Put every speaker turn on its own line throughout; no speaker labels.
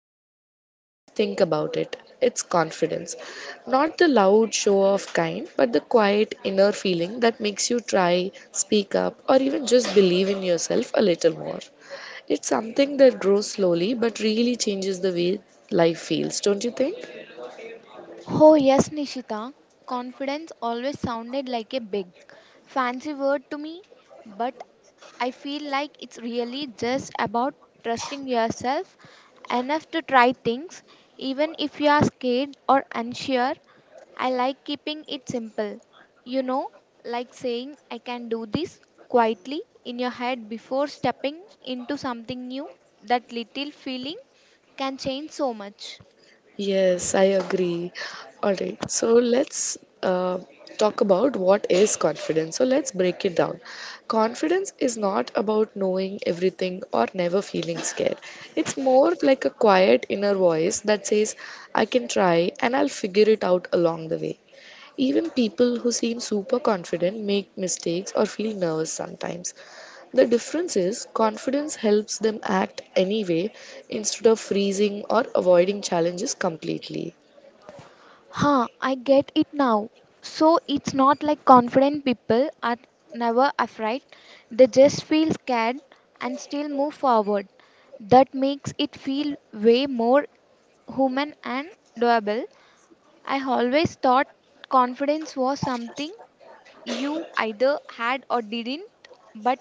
people don't always think about it. It's confidence. Not the loud show off kind, but the quiet inner feeling that makes you try, speak up, or even just believe in yourself a little more. It's something that grows slowly but really changes the way life feels, don't you think?
Oh, yes, Nishita. Confidence always sounded like a big, fancy word to me, but I feel like it's really just about trusting yourself enough to try things, even if you are scared or unsure. I like keeping it simple. You know, like saying, I can do this quietly in your head before stepping into something new. That little feeling can change so much.
Yes, I agree. All right, so let's talk about what is confidence. So let's break it down. Confidence is not about knowing everything or never feeling scared. It's more like a quiet inner voice that says, I can try and I'll figure it out along the way. Even people who seem super confident make mistakes or feel nervous sometimes. The difference is confidence helps them act anyway instead of freezing or avoiding challenges completely.
I get it now. So it's not like confident people are never afraid, they just feel scared and still move forward. That makes it feel way more human and doable. I always thought confidence was something you either had or didn't, but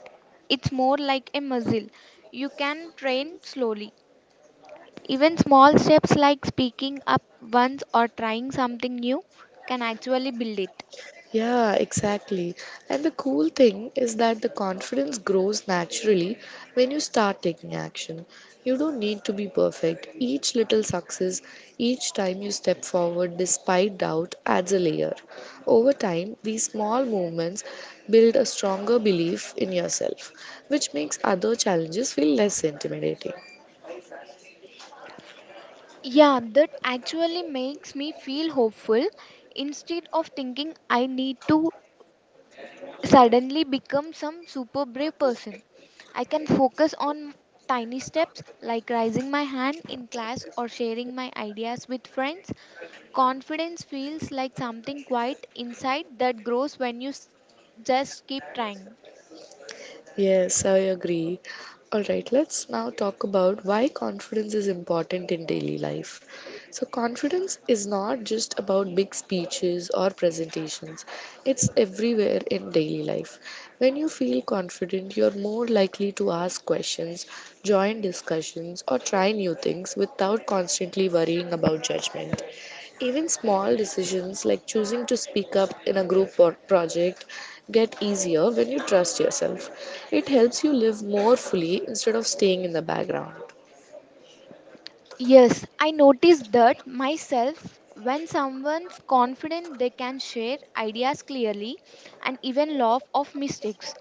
it's more like a muscle. You can train slowly. Even small steps like speaking up once or trying something new can actually build it.
Yeah, exactly. And the cool thing is that the confidence grows naturally when you start taking action. You don't need to be perfect. Each little success, each time you step forward despite doubt, adds a layer. Over time, these small movements build a stronger belief in yourself, which makes other challenges feel less intimidating.
Yeah, that actually makes me feel hopeful instead of thinking I need to suddenly become some super brave person. I can focus on tiny steps like raising my hand in class or sharing my ideas with friends. Confidence feels like something quiet inside that grows just keep trying.
Yes, I agree. All right, let's now talk about why confidence is important in daily life. So, confidence is not just about big speeches or presentations, it's everywhere in daily life. When you feel confident, you're more likely to ask questions, join discussions, or try new things without constantly worrying about judgment. Even small decisions like choosing to speak up in a group or project get easier when you trust yourself. It helps you live more fully instead of staying in the background.
Yes, I noticed that myself when someone's confident they can share ideas clearly and even laugh of mistakes.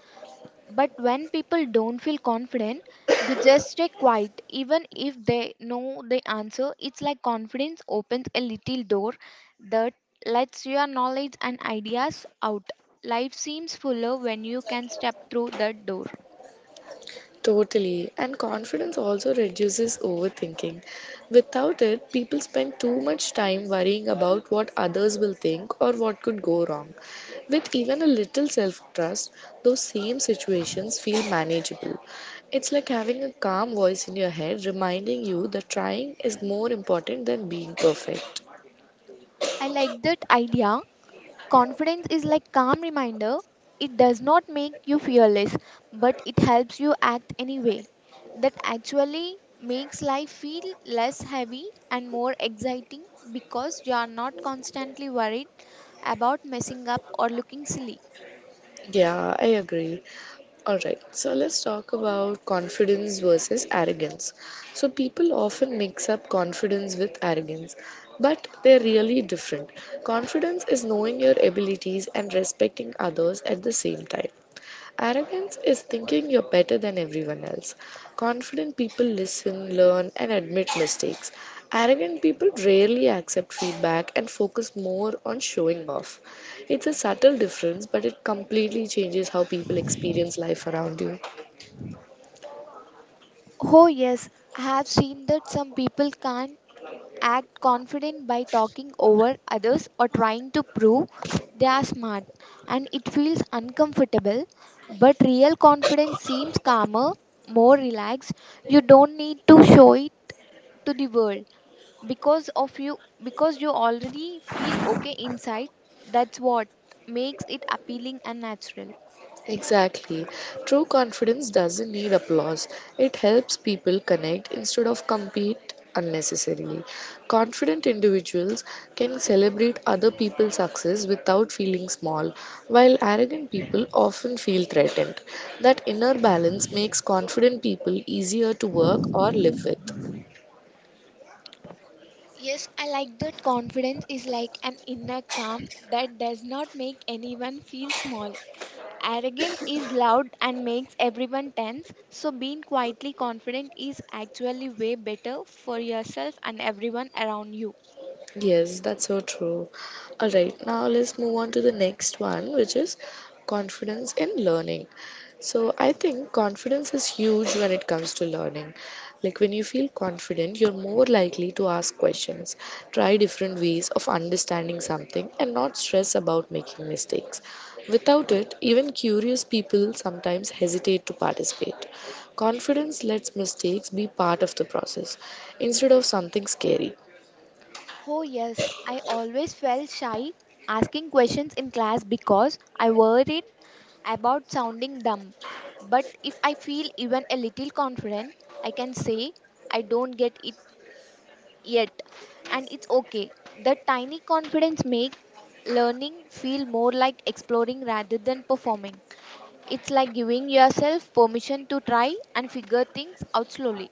But when people don't feel confident, they just stay quiet even if they know the answer. It's like confidence opens a little door that lets your knowledge and ideas out. Life seems fuller when you can step through that door.
Totally. And confidence also reduces overthinking. Without it, people spend too much time worrying about what others will think or what could go wrong. With even a little self trust, those same situations feel manageable. It's like having a calm voice in your head reminding you that trying is more important than being perfect.
I like that idea. Confidence is like calm reminder. It does not make you fearless, but it helps you act anyway. That actually makes life feel less heavy and more exciting because you are not constantly worried about messing up or looking silly.
Yeah, I agree. Alright, so let's talk about confidence versus arrogance. So, people often mix up confidence with arrogance, but they're really different. Confidence is knowing your abilities and respecting others at the same time, arrogance is thinking you're better than everyone else. Confident people listen, learn, and admit mistakes. Arrogant people rarely accept feedback and focus more on showing off. It's a subtle difference, but it completely changes how people experience life around you.
Oh, yes, I have seen that some people can't act confident by talking over others or trying to prove they are smart, and it feels uncomfortable, but real confidence seems calmer, more relaxed. You don't need to show it to the world because of you, because you already feel okay inside. That's what makes it appealing and natural.
Exactly. True confidence doesn't need applause. It helps people connect instead of compete unnecessarily. Confident individuals can celebrate other people's success without feeling small, while arrogant people often feel threatened. That inner balance makes confident people easier to work or live with.
Yes, I like that. Confidence is like an inner calm that does not make anyone feel small. Arrogance is loud and makes everyone tense, so being quietly confident is actually way better for yourself and everyone around you.
Yes, that's so true. All right, now let's move on to the next one, which is confidence in learning. So, I think confidence is huge when it comes to learning. Like, when you feel confident, you're more likely to ask questions, try different ways of understanding something, and not stress about making mistakes. Without it, even curious people sometimes hesitate to participate. Confidence lets mistakes be part of the process instead of something scary.
Oh, yes, I always felt shy asking questions in class because I worried about sounding dumb. But if I feel even a little confident, I can say I don't get it yet, and it's okay. The tiny confidence makes learning feel more like exploring rather than performing. It's like giving yourself permission to try and figure things out slowly.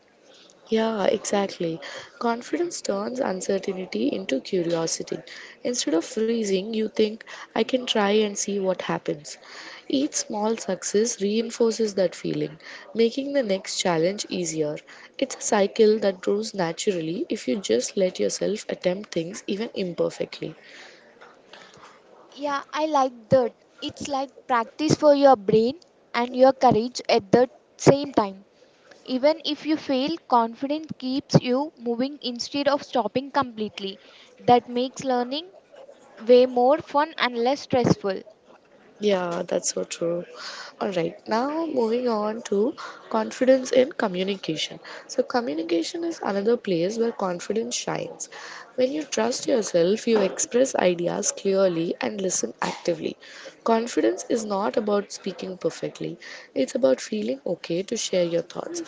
Yeah, exactly. Confidence turns uncertainty into curiosity. Instead of freezing, you think, I can try and see what happens. Each small success reinforces that feeling, making the next challenge easier. It's a cycle that grows naturally if you just let yourself attempt things even imperfectly.
Yeah, I like that. It's like practice for your brain and your courage at the same time. Even if you fail, confidence keeps you moving instead of stopping completely. That makes learning way more fun and less stressful.
Yeah, that's so true. All right, now moving on to confidence in communication. So, communication is another place where confidence shines. When you trust yourself, you express ideas clearly and listen actively. Confidence is not about speaking perfectly, it's about feeling okay to share your thoughts.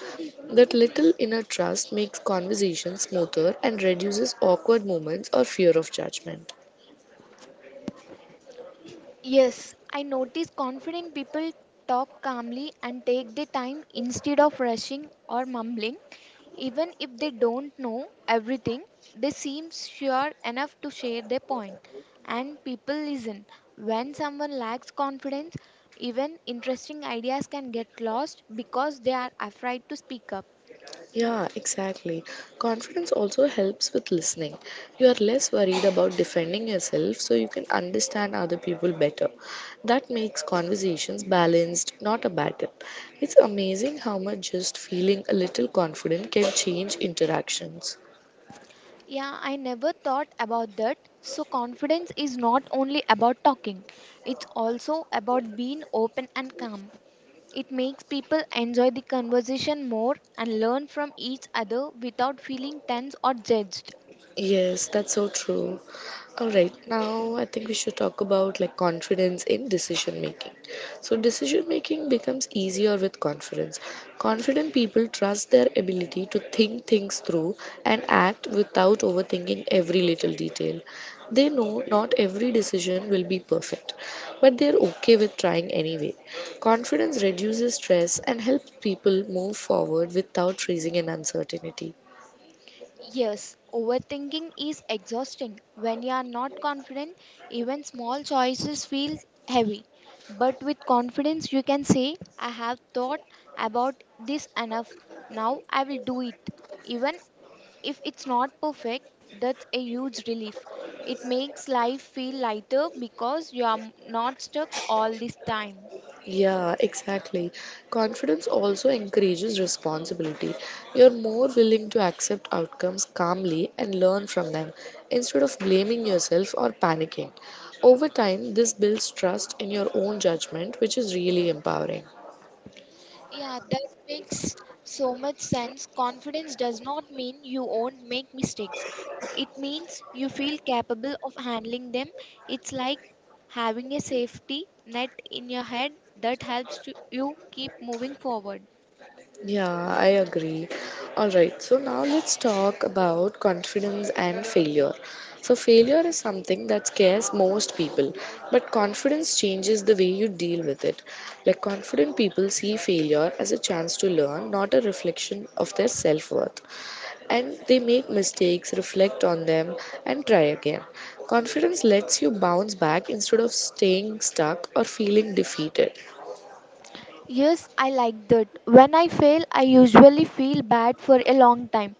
That little inner trust makes conversation smoother and reduces awkward moments or fear of judgment.
Yes, I notice confident people talk calmly and take their time instead of rushing or mumbling. Even if they don't know everything, they seem sure enough to share their point, and people listen. When someone lacks confidence, even interesting ideas can get lost because they are afraid to speak up.
Yeah, exactly. Confidence also helps with listening. You are less worried about defending yourself, so you can understand other people better. That makes conversations balanced, not a battle. It's amazing how much just feeling a little confident can change interactions.
Yeah, I never thought about that. So, confidence is not only about talking, it's also about being open and calm. It makes people enjoy the conversation more and learn from each other without feeling tense or judged.
Yes, that's so true. All right, now I think we should talk about like confidence in decision making. So, decision making becomes easier with confidence. Confident people trust their ability to think things through and act without overthinking every little detail. They know not every decision will be perfect, but they're okay with trying anyway. Confidence reduces stress and helps people move forward without raising an uncertainty.
Yes, overthinking is exhausting. When you are not confident, even small choices feel heavy. But with confidence, you can say, I have thought about this enough. Now I will do it. Even if it's not perfect, that's a huge relief. It makes life feel lighter because you are not stuck all this time.
Yeah, exactly. Confidence also encourages responsibility. You're more willing to accept outcomes calmly and learn from them instead of blaming yourself or panicking. Over time, this builds trust in your own judgment, which is really empowering.
Yeah, that makes so much sense. Confidence does not mean you won't make mistakes. It means you feel capable of handling them. It's like having a safety net in your head that helps to you keep moving forward.
Yeah, I agree. All right, so now let's talk about confidence and failure. So, failure is something that scares most people, but confidence changes the way you deal with it. Like, confident people see failure as a chance to learn, not a reflection of their self worth. And they make mistakes, reflect on them, and try again. Confidence lets you bounce back instead of staying stuck or feeling defeated.
Yes, I like that. When I fail, I usually feel bad for a long time.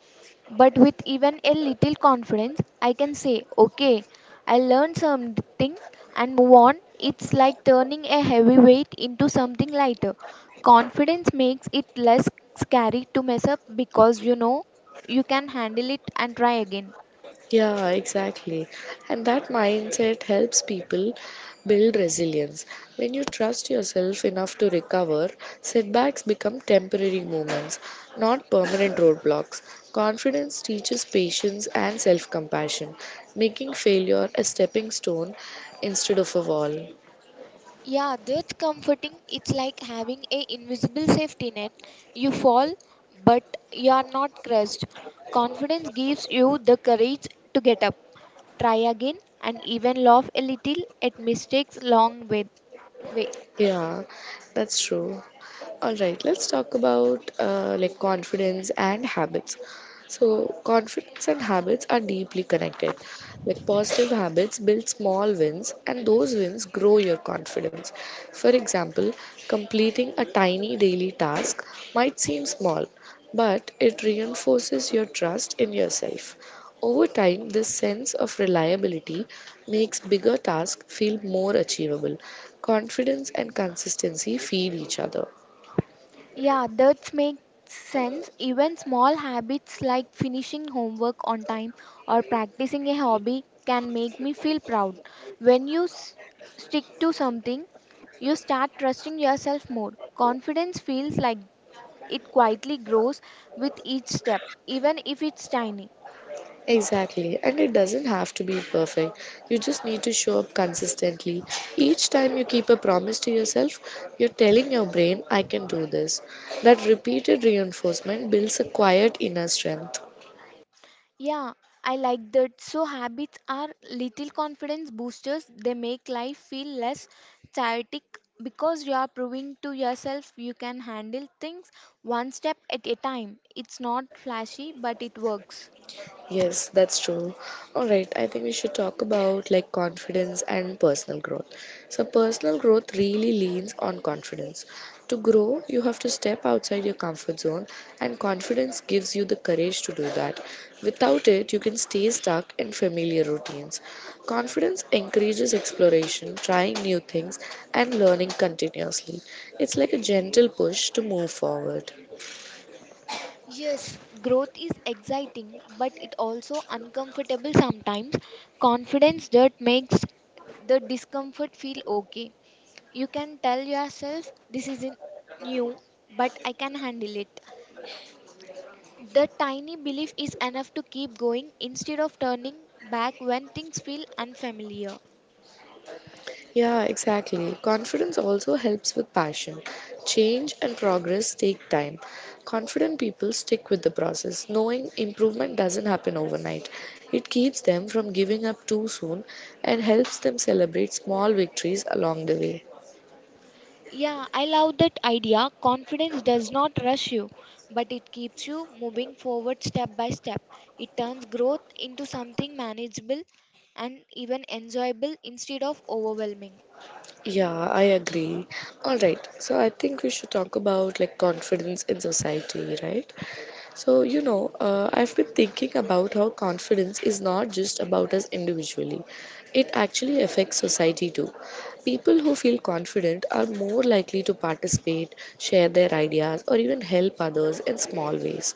But with even a little confidence, I can say, okay, I learned something and move on. It's like turning a heavy weight into something lighter. Confidence makes it less scary to mess up because you know you can handle it and try again.
Yeah, exactly. And that mindset helps people build resilience. When you trust yourself enough to recover, setbacks become temporary moments, not permanent roadblocks. Confidence teaches patience and self compassion, making failure a stepping stone instead of a wall.
Yeah, that's comforting. It's like having a invisible safety net. You fall, but you are not crushed. Confidence gives you the courage to get up, try again, and even laugh a little at mistakes long way.
Yeah, that's true. All right, let's talk about like confidence and habits. So, confidence and habits are deeply connected. Like positive habits build small wins, and those wins grow your confidence. For example, completing a tiny daily task might seem small, but it reinforces your trust in yourself. Over time, this sense of reliability makes bigger tasks feel more achievable. Confidence and consistency feed each other.
Yeah, that makes sense. Even small habits like finishing homework on time or practicing a hobby can make me feel proud. When you stick to something, you start trusting yourself more. Confidence feels like it quietly grows with each step, even if it's tiny.
Exactly, and it doesn't have to be perfect. You just need to show up consistently. Each time you keep a promise to yourself, you're telling your brain, I can do this. That repeated reinforcement builds a quiet inner strength.
Yeah, I like that. So, habits are little confidence boosters. They make life feel less chaotic because you are proving to yourself you can handle things one step at a time. It's not flashy, but it works.
Yes, that's true. All right, I think we should talk about like confidence and personal growth. So, personal growth really leans on confidence. To grow, you have to step outside your comfort zone, and confidence gives you the courage to do that. Without it, you can stay stuck in familiar routines. Confidence encourages exploration, trying new things, and learning continuously. It's like a gentle push to move forward.
Yes, growth is exciting, but it also uncomfortable sometimes. Confidence that makes the discomfort feel okay. You can tell yourself this isn't new, but I can handle it. The tiny belief is enough to keep going instead of turning back when things feel unfamiliar.
Yeah, exactly. Confidence also helps with passion. Change and progress take time. Confident people stick with the process, knowing improvement doesn't happen overnight. It keeps them from giving up too soon and helps them celebrate small victories along the way.
Yeah, I love that idea. Confidence does not rush you, but it keeps you moving forward step by step. It turns growth into something manageable and even enjoyable instead of overwhelming.
Yeah, I agree. All right. So I think we should talk about like confidence in society, right? So, I've been thinking about how confidence is not just about us individually, it actually affects society too. People who feel confident are more likely to participate, share their ideas, or even help others in small ways.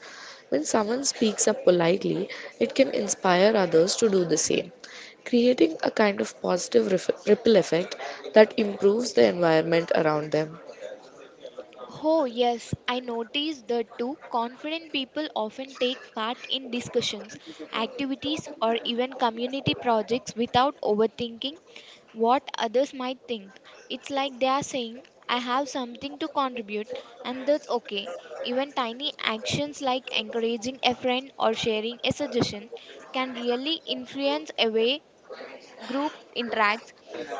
When someone speaks up politely, it can inspire others to do the same, creating a kind of positive ripple effect that improves the environment around them.
Oh, yes, I noticed that too. Confident people often take part in discussions, activities, or even community projects without overthinking what others might think. It's like they are saying, I have something to contribute, and that's okay. Even tiny actions like encouraging a friend or sharing a suggestion can really influence a way group interacts.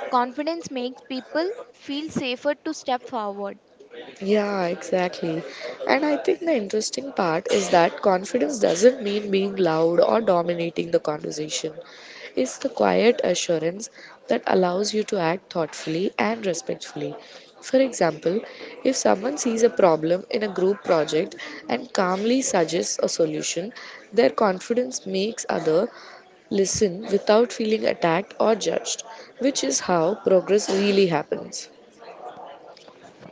Confidence makes people feel safer to step forward.
Yeah, exactly. And I think the interesting part is that confidence doesn't mean being loud or dominating the conversation. It's the quiet assurance that allows you to act thoughtfully and respectfully. For example, if someone sees a problem in a group project and calmly suggests a solution, their confidence makes other listen without feeling attacked or judged, which is how progress really happens.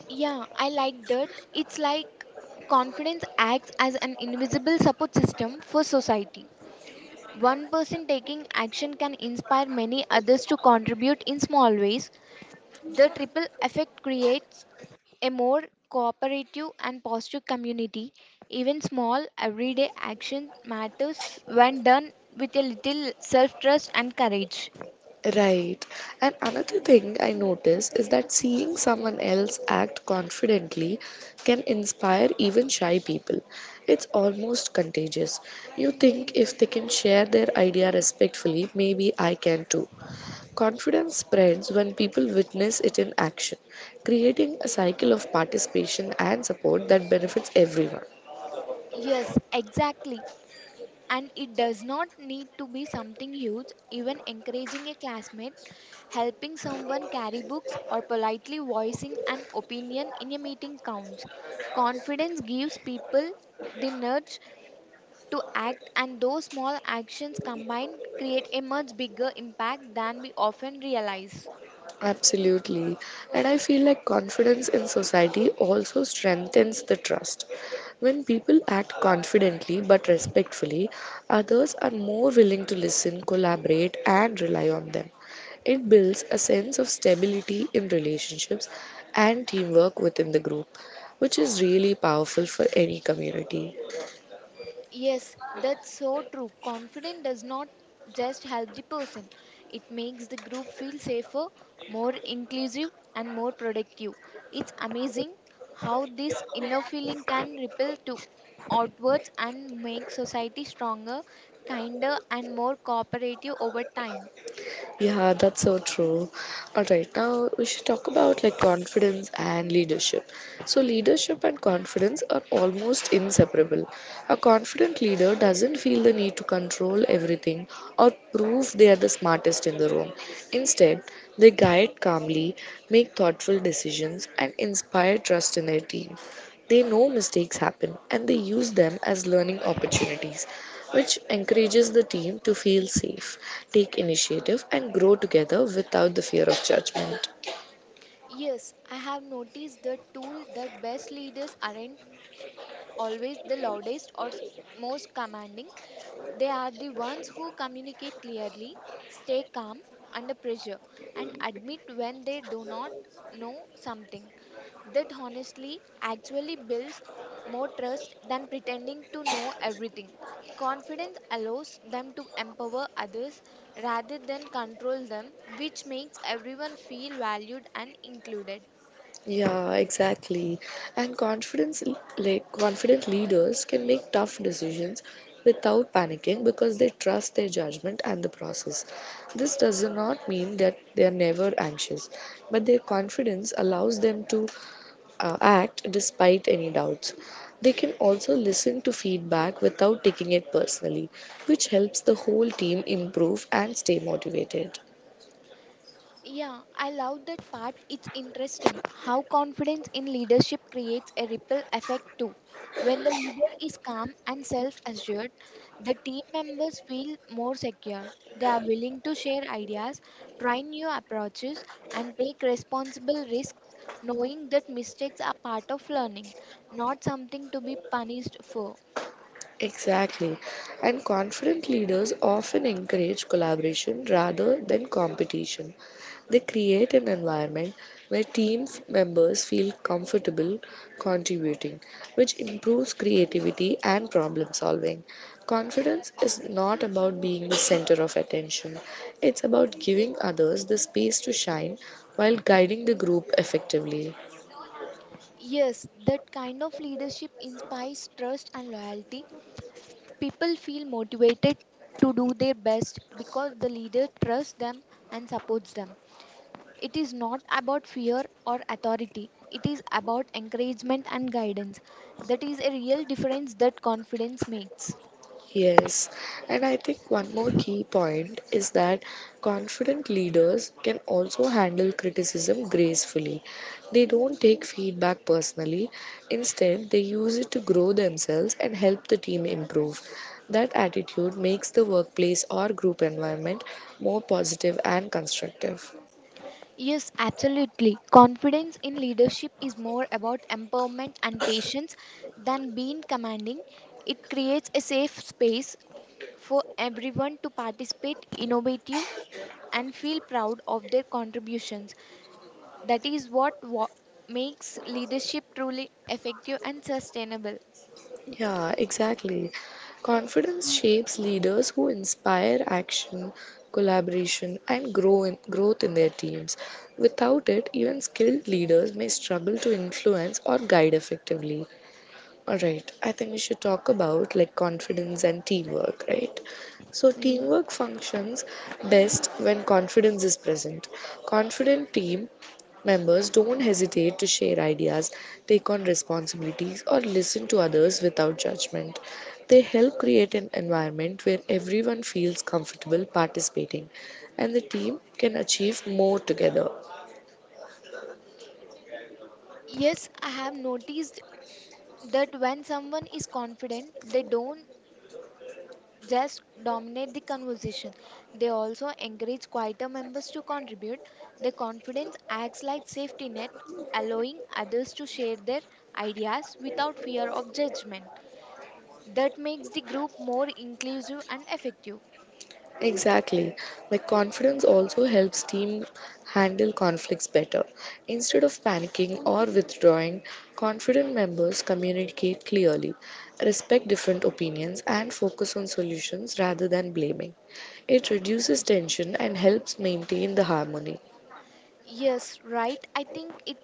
Yeah, I like that. It's like confidence acts as an invisible support system for society. One person taking action can inspire many others to contribute in small ways. The triple effect creates a more cooperative and positive community. Even small everyday action matters when done with a little self trust and courage.
Right. And another thing I notice is that seeing someone else act confidently can inspire even shy people. It's almost contagious. You think if they can share their idea respectfully, maybe I can too. Confidence spreads when people witness it in action, creating a cycle of participation and support that benefits everyone.
Yes, exactly. And it does not need to be something huge, even encouraging a classmate, helping someone carry books, or politely voicing an opinion in a meeting counts. Confidence gives people the nudge to act, and those small actions combined create a much bigger impact than we often realize.
Absolutely. And I feel like confidence in society also strengthens the trust. When people act confidently but respectfully, others are more willing to listen, collaborate, and rely on them. It builds a sense of stability in relationships and teamwork within the group, which is really powerful for any community.
Yes, that's so true. Confidence does not just help the person, it makes the group feel safer, more inclusive, and more productive. It's amazing how this inner feeling can ripple to outwards and make society stronger, kinder, and more cooperative over time.
Yeah, that's so true. All right, now we should talk about like confidence and leadership. So, leadership and confidence are almost inseparable. A confident leader doesn't feel the need to control everything or prove they are the smartest in the room. Instead, they guide calmly, make thoughtful decisions, and inspire trust in their team. They know mistakes happen and they use them as learning opportunities which encourages the team to feel safe, take initiative, and grow together without the fear of judgment.
Yes, I have noticed the tool that best leaders aren't always the loudest or most commanding. They are the ones who communicate clearly, stay calm under pressure, and admit when they do not know something. That honestly actually builds more trust than pretending to know everything. Confidence allows them to empower others rather than control them, which makes everyone feel valued and included.
Yeah, exactly. And confidence, like confident leaders, can make tough decisions without panicking because they trust their judgment and the process. This does not mean that they are never anxious, but their confidence allows them to act despite any doubts. They can also listen to feedback without taking it personally, which helps the whole team improve and stay motivated.
Yeah, I love that part. It's interesting how confidence in leadership creates a ripple effect too. When the leader is calm and self assured, the team members feel more secure. They are willing to share ideas, try new approaches, and take responsible risks, knowing that mistakes are part of learning, not something to be punished for.
Exactly. And confident leaders often encourage collaboration rather than competition. They create an environment where team members feel comfortable contributing, which improves creativity and problem solving. Confidence is not about being the center of attention, it's about giving others the space to shine while guiding the group effectively.
Yes, that kind of leadership inspires trust and loyalty. People feel motivated to do their best because the leader trusts them and supports them. It is not about fear or authority, it is about encouragement and guidance. That is a real difference that confidence makes.
Yes, and I think one more key point is that confident leaders can also handle criticism gracefully. They don't take feedback personally, instead, they use it to grow themselves and help the team improve. That attitude makes the workplace or group environment more positive and constructive.
Yes, absolutely. Confidence in leadership is more about empowerment and patience than being commanding. It creates a safe space for everyone to participate innovative and feel proud of their contributions. That is what makes leadership truly effective and sustainable.
Yeah, exactly. Confidence shapes leaders who inspire action, collaboration, and growth in their teams. Without it, even skilled leaders may struggle to influence or guide effectively. All right, I think we should talk about like confidence and teamwork, right? So,
Yes.
teamwork functions best when confidence is present. Confident team members don't hesitate to share ideas, take on responsibilities, or listen to others without judgment. They help create an environment where everyone feels comfortable participating and the team can achieve more together.
Yes, I have noticed that when someone is confident, they don't just dominate the conversation. They also encourage quieter members to contribute. Their confidence acts like safety net, allowing others to share their ideas without fear of judgment. That makes the group more inclusive and effective.
Exactly. Like confidence also helps team handle conflicts better. Instead of panicking or withdrawing, confident members communicate clearly, respect different opinions and focus on solutions rather than blaming. It reduces tension and helps maintain the harmony.
Yes, right. I think it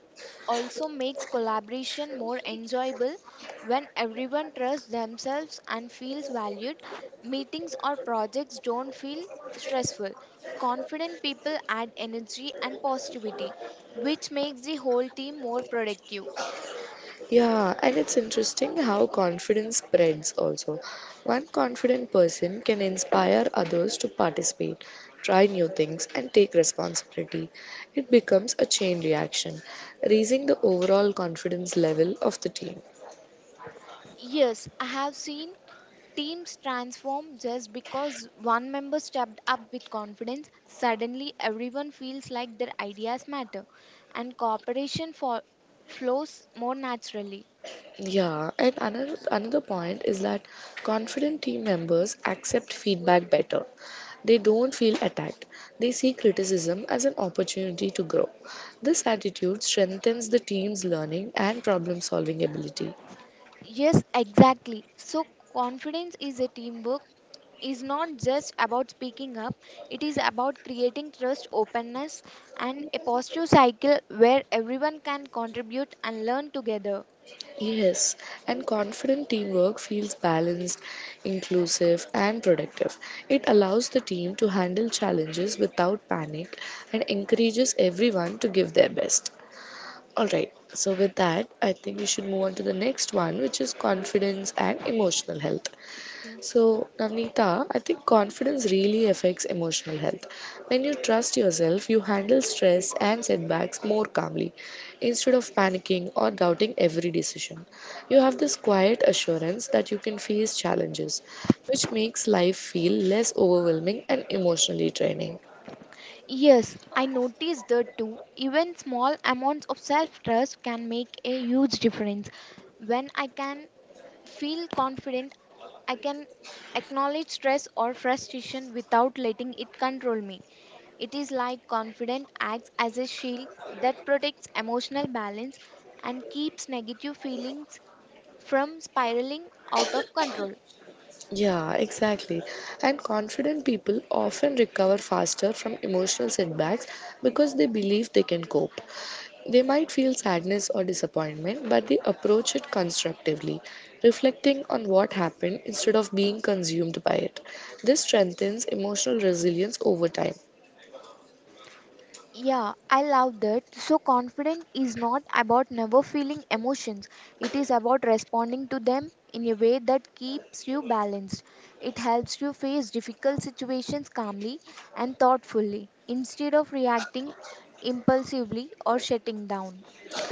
also makes collaboration more enjoyable when everyone trusts themselves and feels valued. Meetings or projects don't feel stressful. Confident people add energy and positivity, which makes the whole team more productive.
Yeah, and it's interesting how confidence spreads also. One confident person can inspire others to participate, try new things, and take responsibility. It becomes a chain reaction, raising the overall confidence level of the team.
Yes, I have seen teams transform just because one member stepped up with confidence. Suddenly, everyone feels like their ideas matter, and cooperation flows more naturally.
Yeah, and another point is that confident team members accept feedback better. They don't feel attacked. They see criticism as an opportunity to grow. This attitude strengthens the team's learning and problem-solving ability.
Yes, exactly. So, confidence is a teamwork is not just about speaking up, it is about creating trust, openness, and a positive cycle where everyone can contribute and learn together.
Yes, and confident teamwork feels balanced, inclusive, and productive. It allows the team to handle challenges without panic and encourages everyone to give their best. All right. So with that, I think we should move on to the next one, which is confidence and emotional health.
Yeah.
So Navnita, I think confidence really affects emotional health. When you trust yourself, you handle stress and setbacks more calmly, instead of panicking or doubting every decision. You have this quiet assurance that you can face challenges, which makes life feel less overwhelming and emotionally draining.
Yes, I noticed that too. Even small amounts of self trust can make a huge difference. When I can feel confident, I can acknowledge stress or frustration without letting it control me. It is like confidence acts as a shield that protects emotional balance and keeps negative feelings from spiraling out of control.
Yeah, exactly. And confident people often recover faster from emotional setbacks because they believe they can cope. They might feel sadness or disappointment, but they approach it constructively, reflecting on what happened instead of being consumed by it. This strengthens emotional resilience over time.
Yeah, I love that. So, confident is not about never feeling emotions, it is about responding to them in a way that keeps you balanced. It helps you face difficult situations calmly and thoughtfully instead of reacting impulsively or shutting down.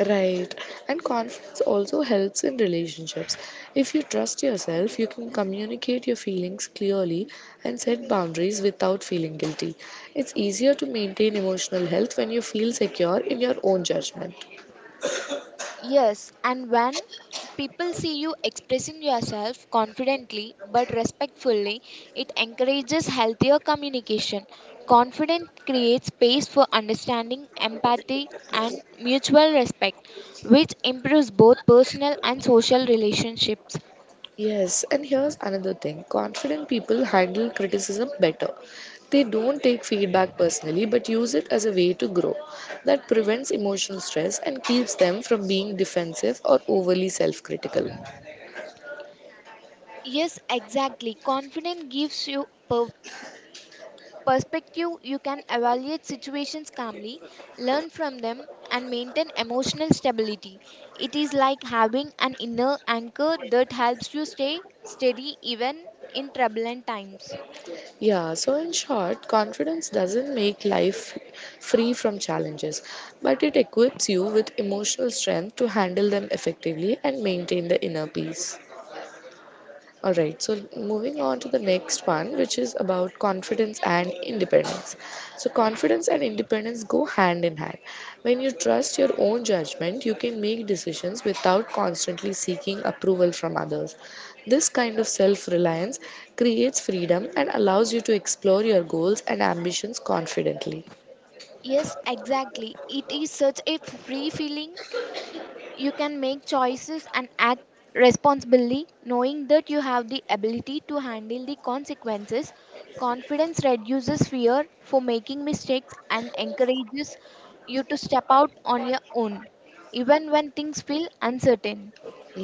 Right. And confidence also helps in relationships. If you trust yourself, you can communicate your feelings clearly and set boundaries without feeling guilty. It's easier to maintain emotional health when you feel secure in your own judgment.
Yes, and when people see you expressing yourself confidently but respectfully, it encourages healthier communication. Confidence creates space for understanding, empathy, and mutual respect, which improves both personal and social relationships.
Yes, and here's another thing confident people handle criticism better. They don't take feedback personally but use it as a way to grow. That prevents emotional stress and keeps them from being defensive or overly self critical.
Yes, exactly. Confidence gives you perspective, you can evaluate situations calmly, learn from them, and maintain emotional stability. It is like having an inner anchor that helps you stay steady even in turbulent times.
Yeah, so in short, confidence doesn't make life free from challenges, but it equips you with emotional strength to handle them effectively and maintain the inner peace. All right, so moving on to the next one, which is about confidence and independence. So, confidence and independence go hand in hand. When you trust your own judgment, you can make decisions without constantly seeking approval from others. This kind of self reliance creates freedom and allows you to explore your goals and ambitions confidently.
Yes, exactly. It is such a free feeling. You can make choices and act responsibly, knowing that you have the ability to handle the consequences. Confidence reduces fear for making mistakes and encourages you to step out on your own, even when things feel uncertain.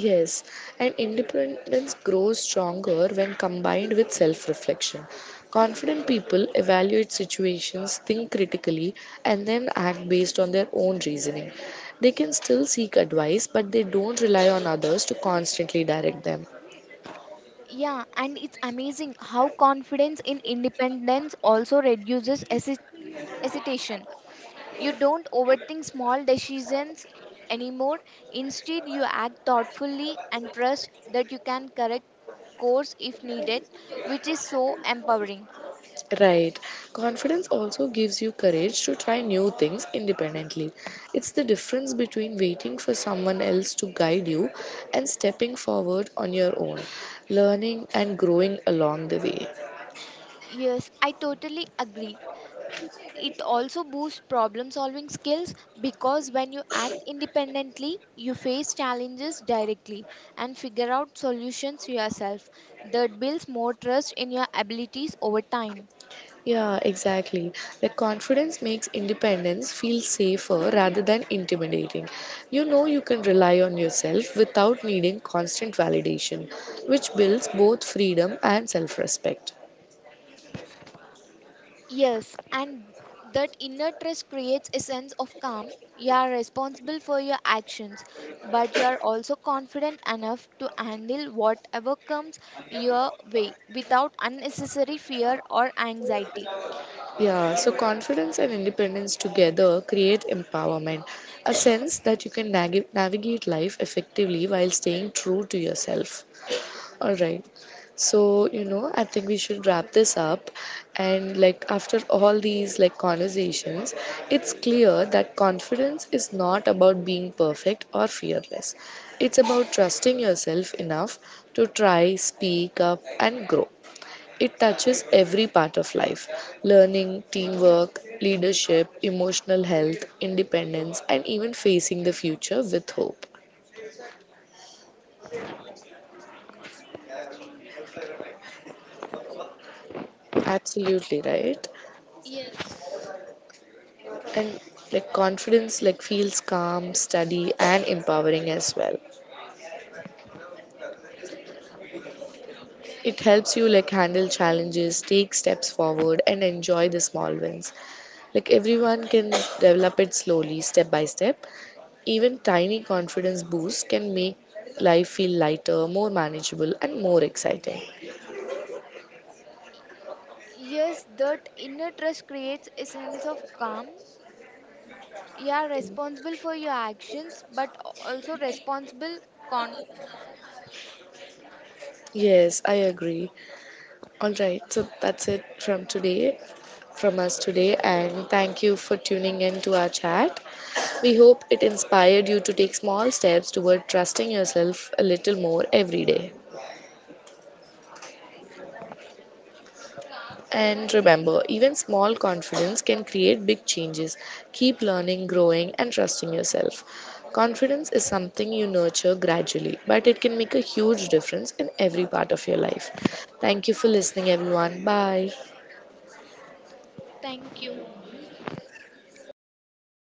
Yes, and independence grows stronger when combined with self reflection. Confident people evaluate situations, think critically, and then act based on their own reasoning. They can still seek advice, but they don't rely on others to constantly direct them.
Yeah, and it's amazing how confidence in independence also reduces hesitation. You don't overthink small decisions anymore. Instead, you act thoughtfully and trust that you can correct course if needed, which is so empowering.
Right. Confidence also gives you courage to try new things independently. It's the difference between waiting for someone else to guide you and stepping forward on your own, learning and growing along the way.
Yes, I totally agree. It also boosts problem solving skills because when you act independently, you face challenges directly and figure out solutions yourself. That builds more trust in your abilities over time.
Yeah, exactly. Like confidence makes independence feel safer rather than intimidating. You know you can rely on yourself without needing constant validation, which builds both freedom and self respect.
Yes, and that inner trust creates a sense of calm. You are responsible for your actions, but you are also confident enough to handle whatever comes your way without unnecessary fear or anxiety.
Yeah, so confidence and independence together create empowerment, a sense that you can navigate life effectively while staying true to yourself. All right. So, you know, I think we should wrap this up. And like after all these like conversations, it's clear that confidence is not about being perfect or fearless. It's about trusting yourself enough to try, speak up and grow. It touches every part of life learning, teamwork, leadership, emotional health, independence, and even facing the future with hope. Absolutely right.
Yes.
And like confidence like feels calm, steady and empowering as well. It helps you like handle challenges, take steps forward and enjoy the small wins. Like everyone can develop it slowly step by step, even tiny confidence boosts can make life feel lighter, more manageable, and more exciting.
Yes, that inner trust creates a sense of calm. You are responsible for your actions, but also responsible. Con-
Yes, I agree. All right, so that's it from today, from us today, and thank you for tuning in to our chat. We hope it inspired you to take small steps toward trusting yourself a little more every day. And remember, even small confidence can create big changes. Keep learning, growing, and trusting yourself. Confidence is something you nurture gradually, but it can make a huge difference in every part of your life. Thank you for listening, everyone. Bye.
Thank you.